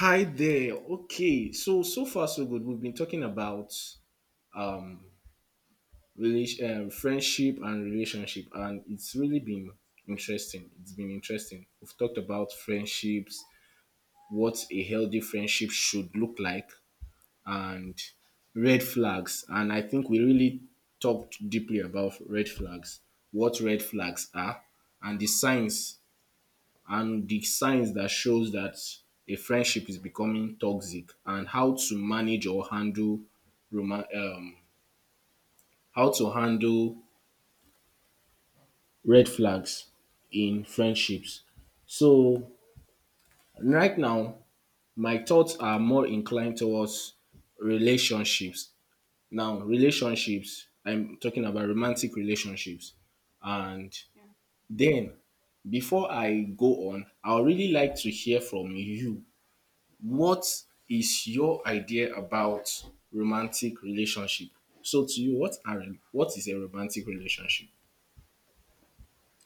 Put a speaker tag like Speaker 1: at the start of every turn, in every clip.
Speaker 1: Hi there. Okay, so so far so good. We've been talking about friendship and relationship, and it's really been interesting. It's been interesting. We've talked about
Speaker 2: Yeah.
Speaker 1: friendships, what a healthy friendship should look like, and red flags. And I think we really talked deeply about red flags, what red flags are, and the signs and the signs that shows that a friendship is becoming toxic and how to manage or handle roman how to handle red flags in friendships. So right now, my thoughts are more inclined towards relationships. Now, relationships, I'm talking about romantic relationships. And
Speaker 2: Yeah.
Speaker 1: then before I go on, I would really like to hear from you. What is your idea about romantic relationship? So to you, what is a romantic relationship?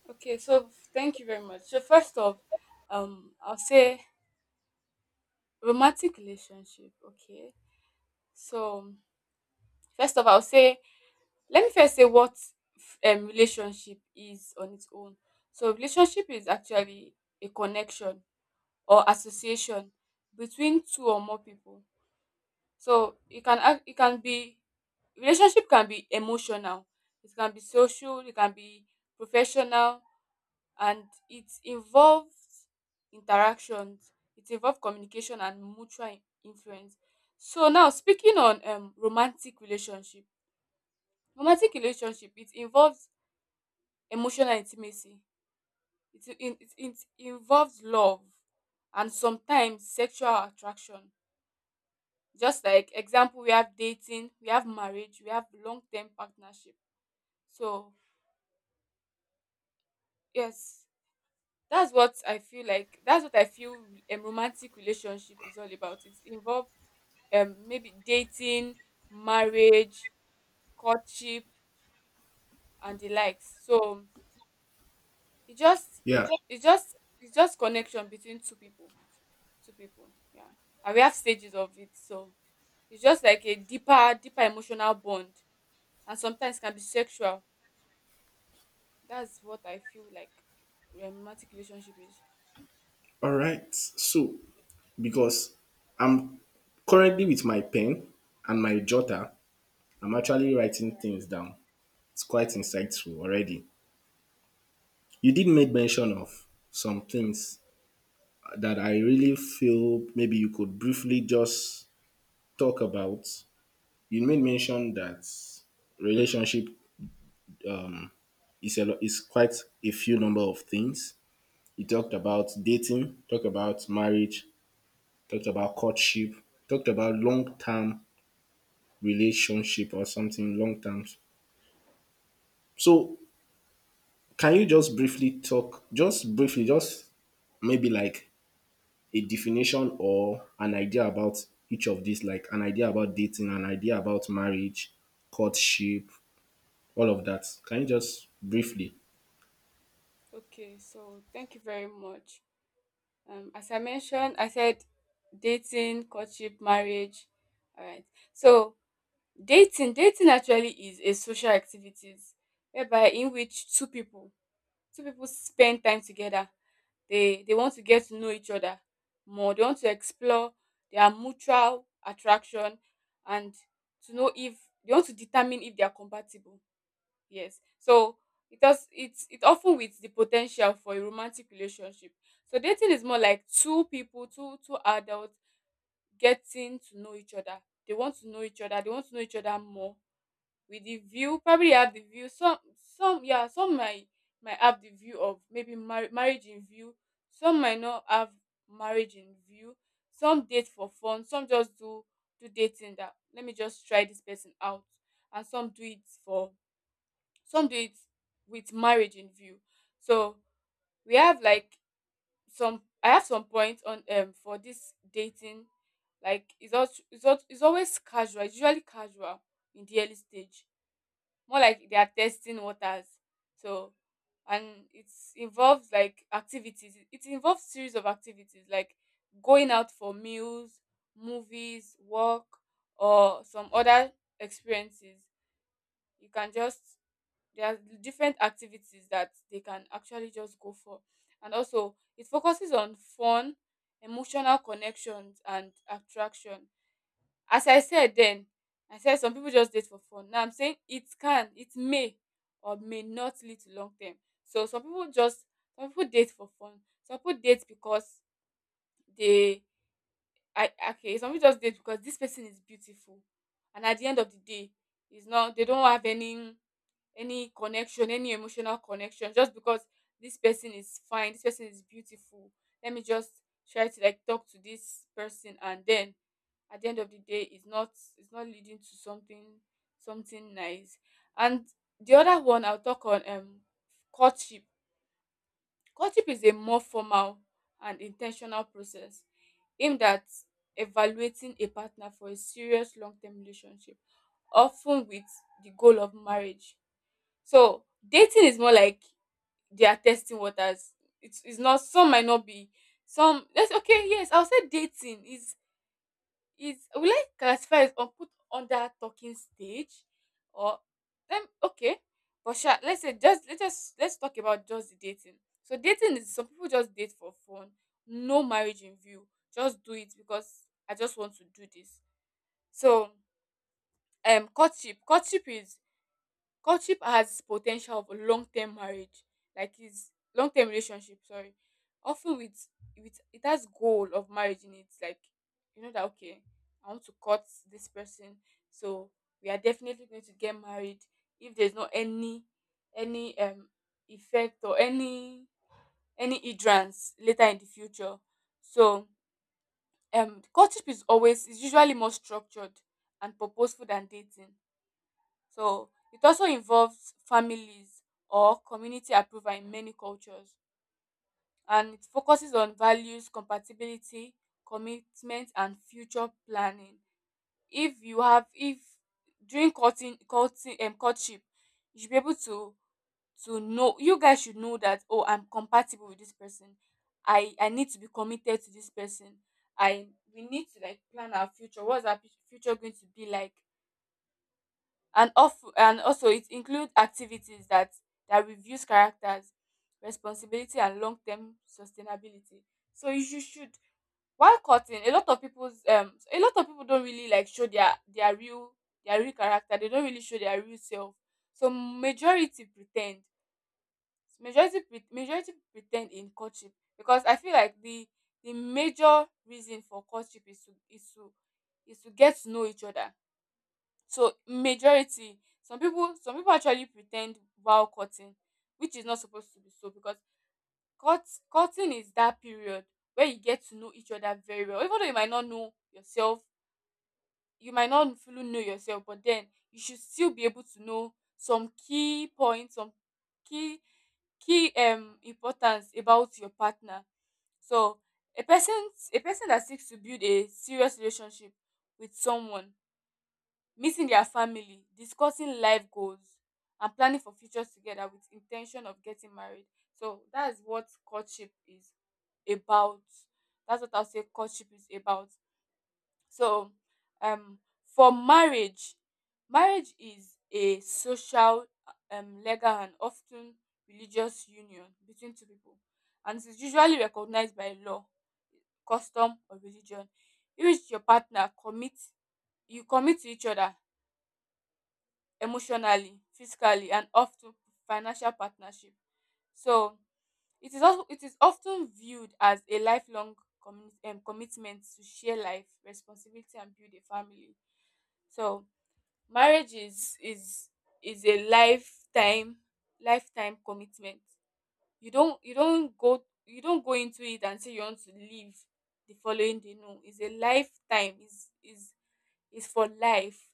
Speaker 2: Okay, so thank you very much. So first off, I'll say romantic relationship. Okay, so first of, I'll say let me first say what relationship is on its own. So relationship is actually a connection or association between two or more people. So it can be relationship can be emotional, it can be social, it can be professional, and it involves interactions, it involves communication and mutual influence. So now speaking on romantic relationship. Romantic relationship, it involves emotional intimacy. It involves love and sometimes sexual attraction. Just like example, we have dating, we have marriage, we have long term partnership. So yes, that's what I feel like. That's what I feel a romantic relationship is all about. It involve maybe dating, marriage, courtship, and the likes. So it just
Speaker 1: Yeah.
Speaker 2: it's just it's just connection between two people, two people. Yeah, and we have stages of it. So it's just like a deeper emotional bond and sometimes can be sexual. That's what I feel like romantic relationship is.
Speaker 1: All right. So because I'm currently with my pen and my jotter, I'm actually writing things down. It's quite insightful already. You did make mention of some things that I really feel maybe you could briefly just talk about. You made mention that relationship, it's a lot, it's quite a few number of things. He talked about dating, talked about marriage, talked about courtship, talked about long term relationship or something long term. So can you just briefly talk, just briefly, just maybe like a definition or an idea about each of these, like an idea about dating, an idea about marriage, courtship, all of that. Can you just briefly?
Speaker 2: Okay, so thank you very much. As I mentioned, I said dating, courtship, marriage. All right. So dating actually is a social activities whereby in which two people spend time together. They want to get to know each other more. They want to explore their mutual attraction and to know if they want to determine if they are compatible. Yes. So it has it's it often with the potential for a romantic relationship. So dating is more like two people, two adults getting to know each other. They want to know each other, they want to know each other more. With the view, probably have the view, some yeah, some might have the view of maybe marriage in view, some might not have marriage in view, some date for fun, some just do dating, that let me just try this person out, and some do it with marriage in view. So we have like some I have some points on for this dating, like it's also it's, al- it's always casual it's usually casual in the early stage, more like they are testing waters. So and it involves like activities it involves series of activities like going out for meals, movies, work, or some other experiences. You can just There are different activities that they can actually just go for. And also it focuses on fun, emotional connections, and attraction. As I said Then I said some people just date for fun. Now I'm saying it may or may not lead to long term. So some people date for fun, some people date because they I okay some people just date because this person is beautiful, and at the end of the day, it's not they don't have any connection, any emotional connection, just because this person is fine, this person is beautiful. Let me just try to like talk to this person, and then at the end of the day, it's not leading to something nice. And the other one I'll talk on, courtship. Courtship is a more formal and intentional process aimed at evaluating a partner for a serious long-term relationship, often with the goal of marriage. So dating is more like they are testing waters. It's not. Some might not be some. Let's okay, yes, I'll say dating is will I classify as on put under talking stage, or then okay. But sure, let's say just let's talk about just the dating. So dating is some people just date for fun, no marriage in view. Just do it because I just want to do this. So courtship. Courtship is courtship has potential of tial long term marriage, like is long term relationship, sorry, often with it has goal of marriage in it, like you know that okay, I want to court this person, so we are definitely going to get married if there's not any any um effect or any hindrance later in the future. So courtship is usually more structured and purposeful than dating. So it also involves families or community approval in many cultures, and it focuses on values, compatibility, commitment, and future planning. If you have if during courting courting courtship, you should be able to know you guys should know that, oh, I'm compatible with this person. I need to be committed to this person. I We need to like plan our future. What's our future going to be like? And also it includes activities that reviews characters, responsibility, and long-term sustainability. So you should while cutting, a lot of people don't really like show their real character, they don't really show their real self. So majority pretend in courtship, because I feel like the major reason for courtship is to get to know each other. So majority some people actually pretend ten d vow courting, which is not supposed to be so. Because cut cutting is that period where you get to know each other very well, even though you might not know yourself, you might not fully know yourself, but then you should still be able to know some key points, some key key importance about your partner. So a person that seeks to build a serious relationship with someone, meeting their family, discussing life goals, and planning for futures together with intention of getting married. So that's what courtship is about. That's what I'll say courtship is about. So um for marriage, marriage is a social, legal, and often religious union between two people. And it is usually recognized by law, custom, or religion. In which you commit to each other emotionally, physically, and often financial partnership. So it is often viewed as a lifelong commitment to share life, responsibility, and build a family. So marriage is a lifetime commitment. You don't go into it and say you want to leave the following day. No, it's a lifetime. Is for life,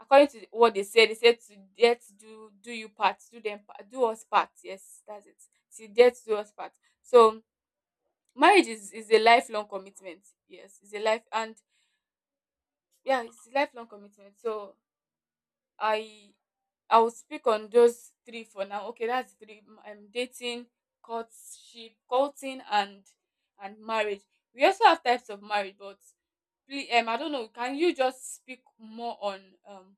Speaker 2: according to what they said to death do do you part, do them part, do us part. Yes, that's it. To death do us part. So marriage is a lifelong commitment. Yes, it's a life and yeah, it's a lifelong commitment. So I I will speak on those three for now. Okay, that's three. I'm dating, courtship, courting, and marriage. We also have types of marriage, but please, I don't know. Can you just speak more on, um,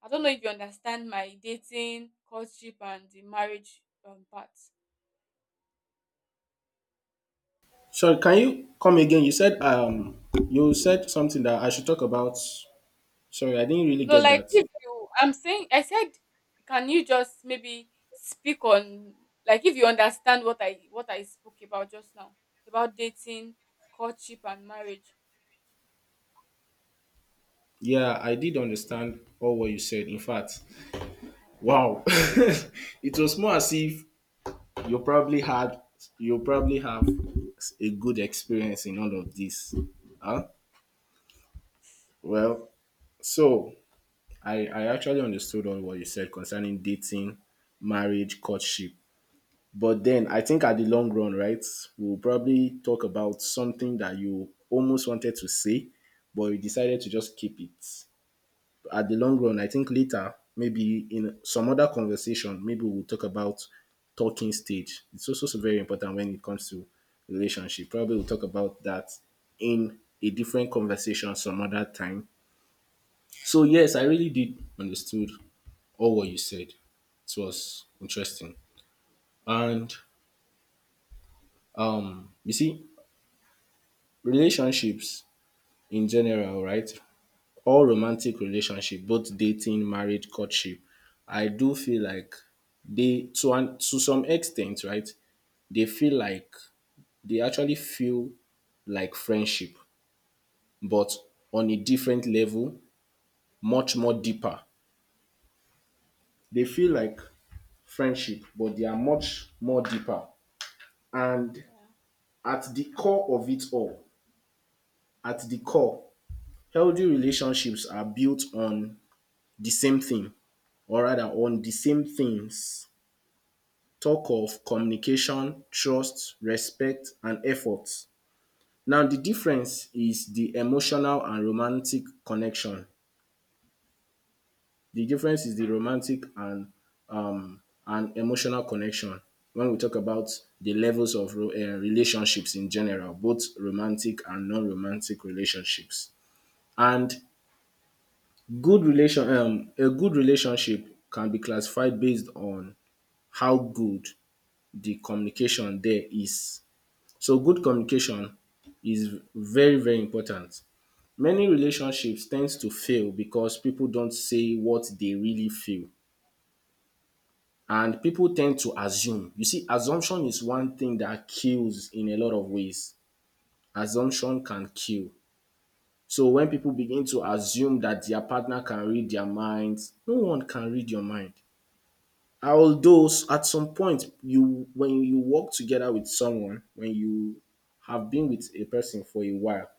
Speaker 2: I don't know if you understand my dating, courtship, and the marriage part.
Speaker 1: Sorry, can you come again? You said something that I should talk about. Sorry, I didn't really
Speaker 2: No,
Speaker 1: get
Speaker 2: like
Speaker 1: that.
Speaker 2: if you, I'm saying, I said, can you just maybe speak on, like, if you understand what I spoke about just now, about dating, courtship, and marriage.
Speaker 1: Yeah, I did understand all what you said. In fact,
Speaker 2: All right.
Speaker 1: wow. It was more as if you probably had you probably have a good experience in all of this. Huh? Well, so I actually understood all what you said concerning dating, marriage, courtship. But then I think at the long run, right, we'll probably talk about something that you almost wanted to say, but you decided to just keep it. At the long run, I think later, maybe in some other conversation, maybe we'll talk about talking stage. It's also so very important when it comes to relationship. Probably we'll talk about that in a different conversation some other time. So yes, I really did understood all what you said. It was interesting. And you see, relationships in general, right, all romantic relationship, both dating, marriage, courtship, I do feel like they to some extent, right, they feel like they actually feel like friendship, but on a different level, much more deeper. They feel like friendship, but they are much more deeper. And
Speaker 2: Yeah.
Speaker 1: at the core of it all, at the core, healthy relationships are built on the same thing, or rather on the same things. Talk of communication, trust, respect, and effort. Now, the difference is the emotional and romantic connection. The difference is the romantic and emotional connection. When we talk about the levels of relationships in general, both romantic and non-romantic relationships, and a good relationship can be classified based on how good the communication there is. So good communication is very very important. Many relationships tend to fail because people don't say what they really feel, and people tend to assume. You see, assumption is one thing that kills in a lot of ways. Assumption can kill. So when people begin to assume that their partner can read their minds, no one can read your mind. Although at some point, you when you work together with someone, when you have been with a person for a while,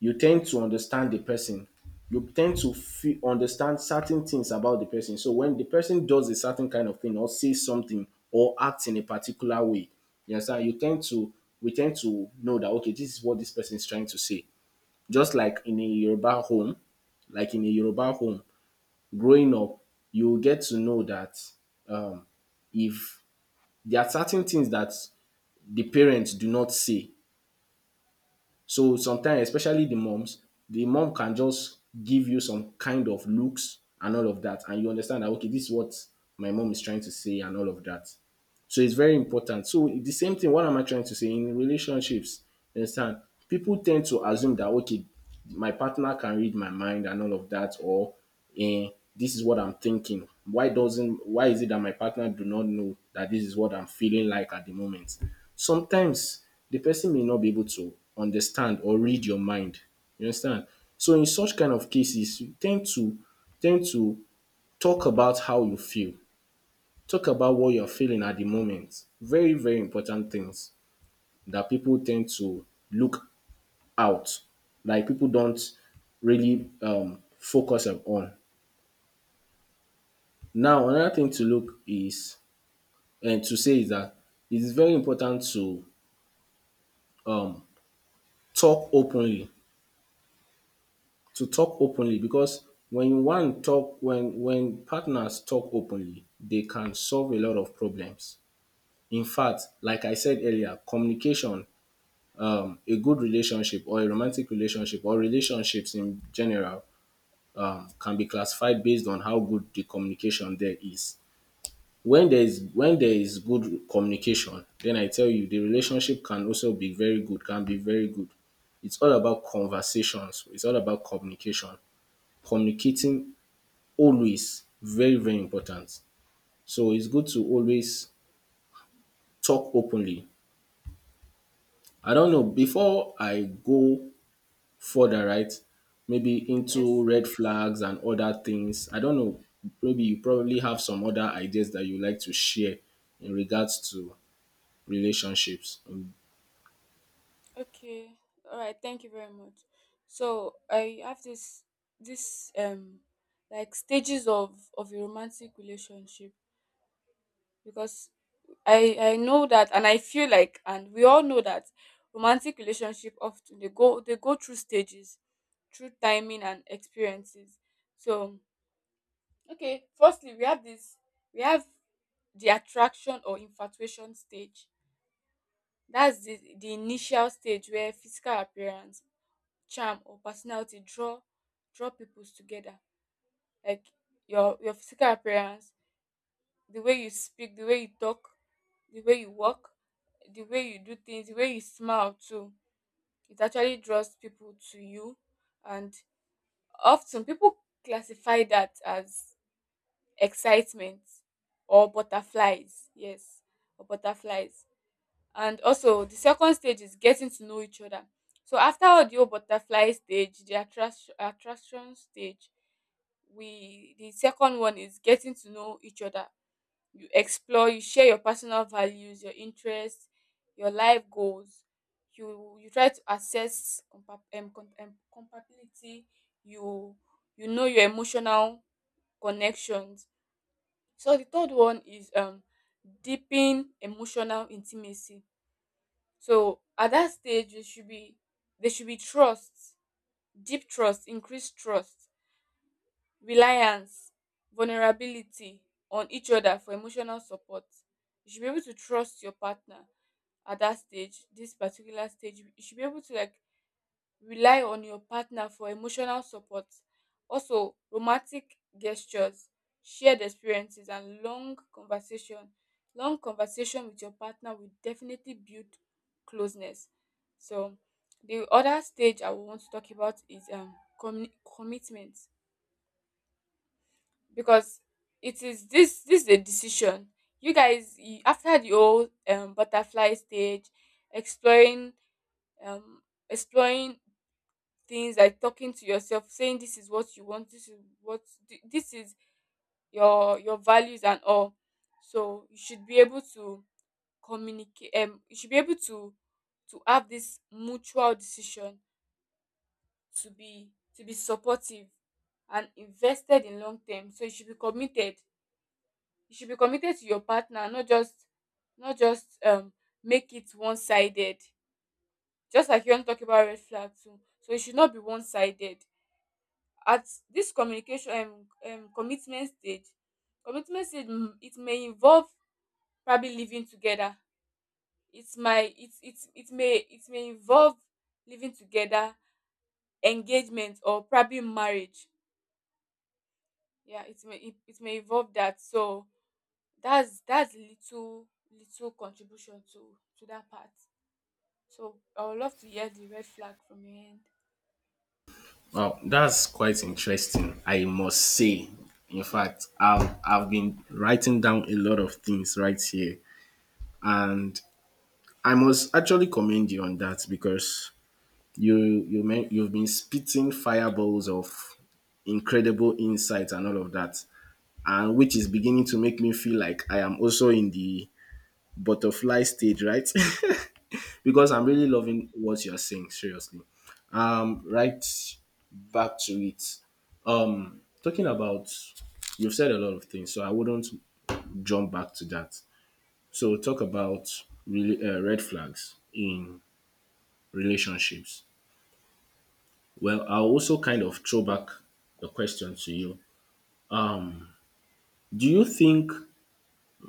Speaker 1: you tend to understand the person. You tend to understand certain things about the person. So when the person does a certain kind of thing or says something or acts in a particular way, you understand you tend to we tend to know that okay, this is what this person is trying to say. Just like in a Yoruba home, like in a Yoruba home growing up, you'll get to know that um, if there are certain things that the parents do not say. So sometimes, especially the moms, the mom can just give you some kind of looks and all of that, and you understand that okay, this is what my mom is trying to say and all of that. So it's very important. So the same thing, what am I trying to say? In relationships, you understand, people tend to assume that okay, my partner can read my mind and all of that, or eh, this is what I'm thinking. Why doesn't Why is it that my partner do not know that this is what I'm feeling like at the moment? Sometimes the person may not be able to understand or read your mind. You understand? So in such kind of cases, you tend to tend to talk about how you feel, talk about what you're feeling at the moment. Very, very important things that people tend to look out. Like people don't really focus on. Now, another thing to look is and to say is that it is very important to um, talk openly. To talk openly, because when partners talk openly, they can solve a lot of problems. In fact, like I said earlier, communication a good relationship or a romantic relationship or relationships in general can be classified based on how good the communication there is. When there is good communication, then I tell you the relationship can also be very good, can be very good. It's all about conversations. It's all about communication. Communicating, always very very important. So it's good to always talk openly. I don't know, before I go further, right? Maybe into
Speaker 2: Yes.
Speaker 1: red flags and other things. I don't know. Maybe you probably have some other ideas that you like to share in regards to relationships.
Speaker 2: Okay. All right. Thank you very much. So I have this this um like stages of a romantic relationship, because I know that, and I feel like, and we all know that romantic relationship often they go through stages, through timing and experiences. So okay, firstly we have the attraction or infatuation stage. That's the initial stage where physical appearance, charm, or personality draw people together. Like your physical appearance, the way you speak, the way you talk, the way you walk, the way you do things, the way you smile too. It actually draws people to you, and often people classify that as excitement or butterflies. Yes, or butterflies. And also, the second stage is getting to know each other. So after all the whole butterfly stage, the attraction stage, we the second one is getting to know each other. You share your personal values, your interests, your life goals. You try to assess compatibility. You you know your emotional connections. So the third one is deepen emotional intimacy. So at that stage, you should be there should be trust deep trust increased trust, reliance, vulnerability on each other for emotional support. You should be able to trust your partner at that stage, this particular stage. You should be able to like rely on your partner for emotional support. Also, romantic gestures, shared experiences, and long conversation. Long conversation with your partner will definitely build closeness. So, the other stage I want to talk about is commitment, because it is this this is a decision after the whole butterfly stage exploring, um exploring things, like talking to yourself saying this is what you want, this is what this is your values and all. So you should be able to communicate. You should be able to have this mutual decision to be supportive and invested in long term, so you should be committed. You should be committed to your partner, not just not just um make it one-sided. Just like you want to talk about red flag too, so it should not be one-sided at this communication commitment stage. Commitment stage it may involve probably living together. It might it it it may it may involve living together, engagement, or probably marriage. Yeah, it may involve that. So that's little, little contribution to that part. So I would love to hear the red flag from your end.
Speaker 1: Wow, that's quite interesting, I must say. In fact, I've been writing down a lot of things right here, and I must actually commend you on that because you mean you've been spitting fireballs of incredible insight and all of that, and which is beginning to make me feel like I am also in the butterfly stage, right? Because I'm really loving what you're saying, seriously. Right back to it. Um, talking about, you've said a lot of things, so I wouldn't jump back to that. So talk about really red flags in relationships. Well, I'll also kind of throw back the question to you. Do you think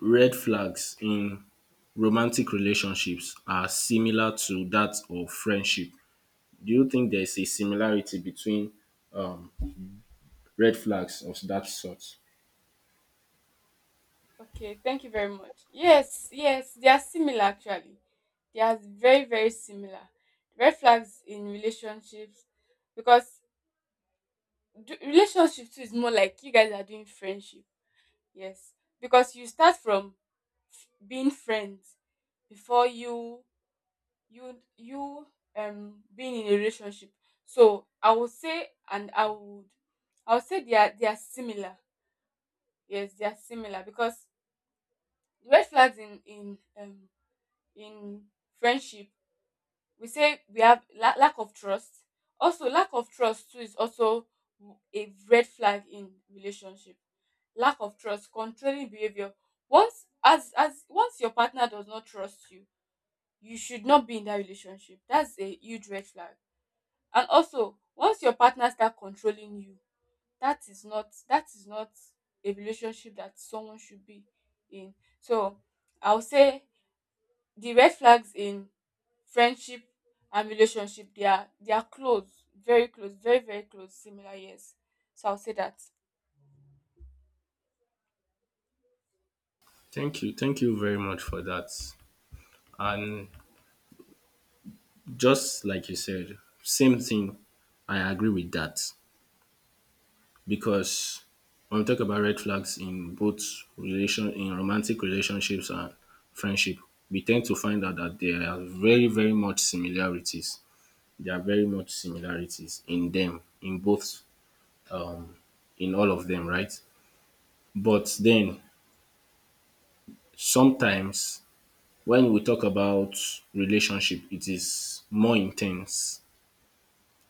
Speaker 1: red flags in romantic relationships are similar to that of friendship? Do you think there is a similarity between um, red flags of that sort?
Speaker 2: Okay, thank you very much. Yes, yes, they are similar actually. They are very, very similar. Red flags in relationships, because relationship too is more like you guys are doing friendship. Yes, because you start from being friends before you being in a relationship. So I would say, and I would say they are similar. Yes, they are similar, because the red flags in in friendship, we say we have lack of trust. Also, lack of trust too is also a red flag in relationship. Lack of trust, controlling behavior. Once as Once your partner does not trust you, you should not be in that relationship. That's a huge red flag. And also, once your partner start controlling you, that is not, a relationship that someone should be in. So, I'll say the red flags in friendship and relationship, they are close, very very close, similar, yes. So I'll say that.
Speaker 1: Thank you. Thank you very much for that. And just like you said, same thing. I agree with that, because when we talk about red flags in both relation in romantic relationships and friendship, we tend to find out that there are very, very much similarities. There are very much similarities in them in both, um, in all of them, right? But then sometimes when we talk about relationship, it is more intense.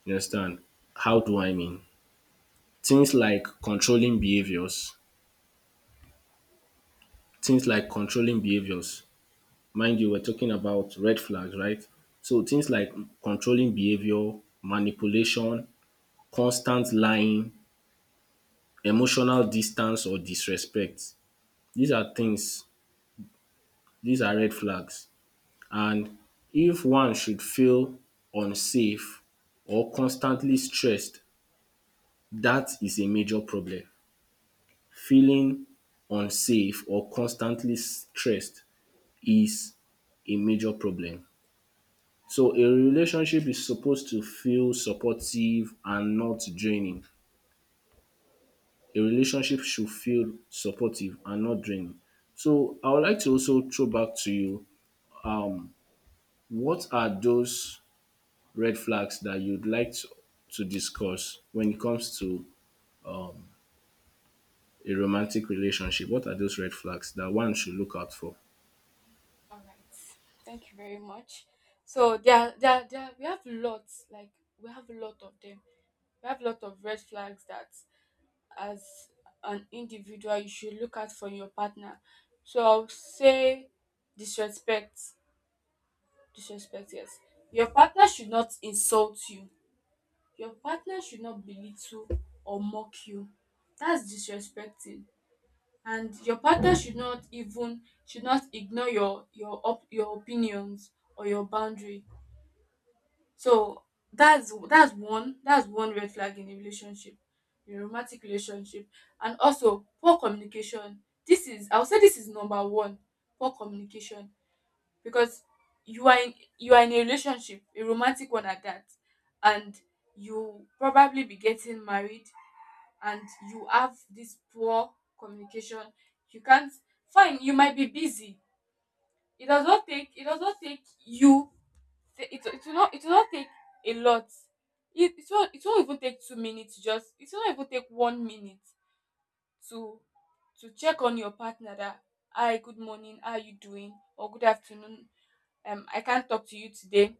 Speaker 1: You understand?
Speaker 2: True.
Speaker 1: How do I mean? Things like controlling behaviors, things like controlling behaviors. Mind you, we're talking about red flags, right? So things like controlling behavior, manipulation, constant lying, emotional distance or disrespect. These are things, these are red flags. And if one should feel unsafe or constantly stressed, that is a major problem. Feeling unsafe or constantly stressed is a major problem. So a relationship is supposed to feel supportive and not draining. A relationship should feel supportive and not draining. So I would like to also throw back to you, what are those red flags that you'd like to discuss when it comes to a romantic relationship? What are those red flags that one should look out for?
Speaker 2: All right. Thank you very much. So we have lots. Like, we have a lot of them. We have a lot of red flags that, as an individual, you should look out for your partner. So I'll say disrespect. Disrespect. Yes. Your partner should not insult you. Your partner should not belittle or mock you. That's disrespecting. And your partner should not ignore your your opinions or your boundary. So that's one red flag in a relationship, in a romantic relationship. And also, poor communication. This is, I would say this is number one, poor communication, because you are in a relationship, a romantic one at that, and you probably be getting married, and you have this poor communication. You can't. Fine, you might be busy. It does not take you, it will not take a lot. It won't even take 2 minutes. Just, it will not even take 1 minute to check on your partner, that hi, good morning, how are you doing? Or good afternoon. I can't talk to you today.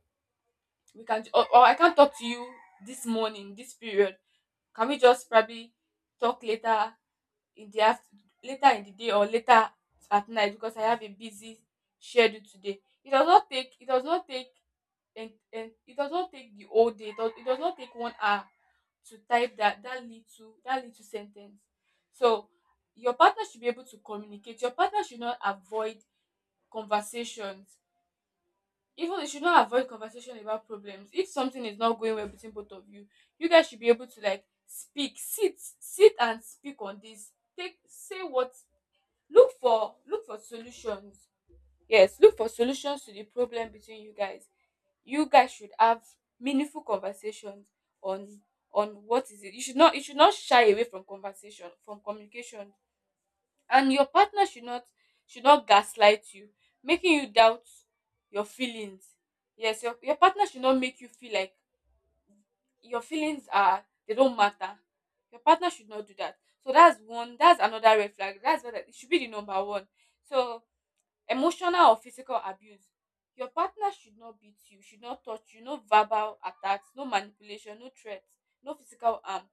Speaker 2: We can, or I can't talk to you this morning, this period. Can we just probably talk later in the after later in the day, or later at night, because I have a busy schedule today. It does not take, and it does not take the whole day. It does not take 1 hour to type that, that little sentence. So your partner should be able to communicate. Your partner should not avoid conversations. Even you should not avoid conversation about problems. If something is not going well between both of you, you guys should be able to like speak, sit and speak on this. Take say what look for, solutions. Yes, look for solutions to the problem between you guys. You guys should have meaningful conversations on what is it. You should not shy away from conversation, from communication. And your partner should not, gaslight you, making you doubt your feelings. Yes, your partner should not make you feel like your feelings are, they don't matter. Your partner should not do that. So that's one, that's another red flag that's what it should be, the number one. So, emotional or physical abuse. Your partner should not beat you, should not touch you. No verbal attacks, no manipulation, no threats, no physical harm.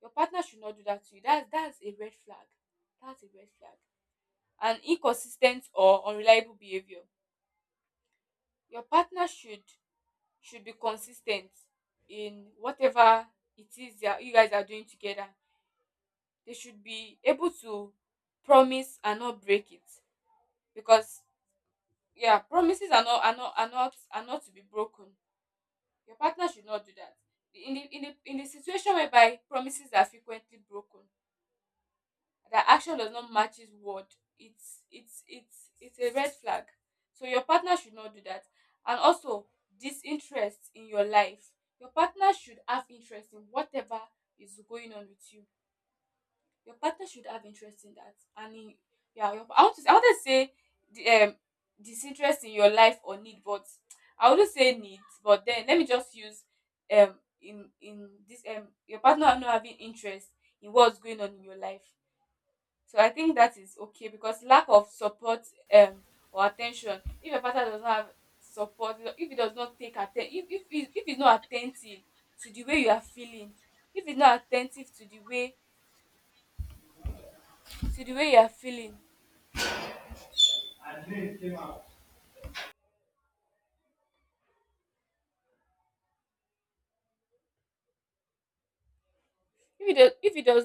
Speaker 2: Your partner should not do that to you. That's a red flag. That's a red flag. And inconsistent or unreliable behavior. Your partner should, be consistent in whatever it is that you guys are doing together. They should be able to promise and not break it, because yeah, promises are not to be broken. Your partner should not do that. In the, situation whereby promises are frequently broken, that action does not match his word, it's a red flag. So your partner should not do that. And also, disinterest in your life. Your partner should have interest in whatever is going on with you. Your partner should have interest in that. And in, yeah, I want to say the disinterest in your life or need. But I wouldn't say need. But then let me just use, in this your partner not having interest in what's going on in your life. So I think that is okay, because lack of support, um or attention. If a partner does not have support, if he does not if he's not attentive to the way you are feeling, if he's not attentive to the way, you are feeling, if he does, if he does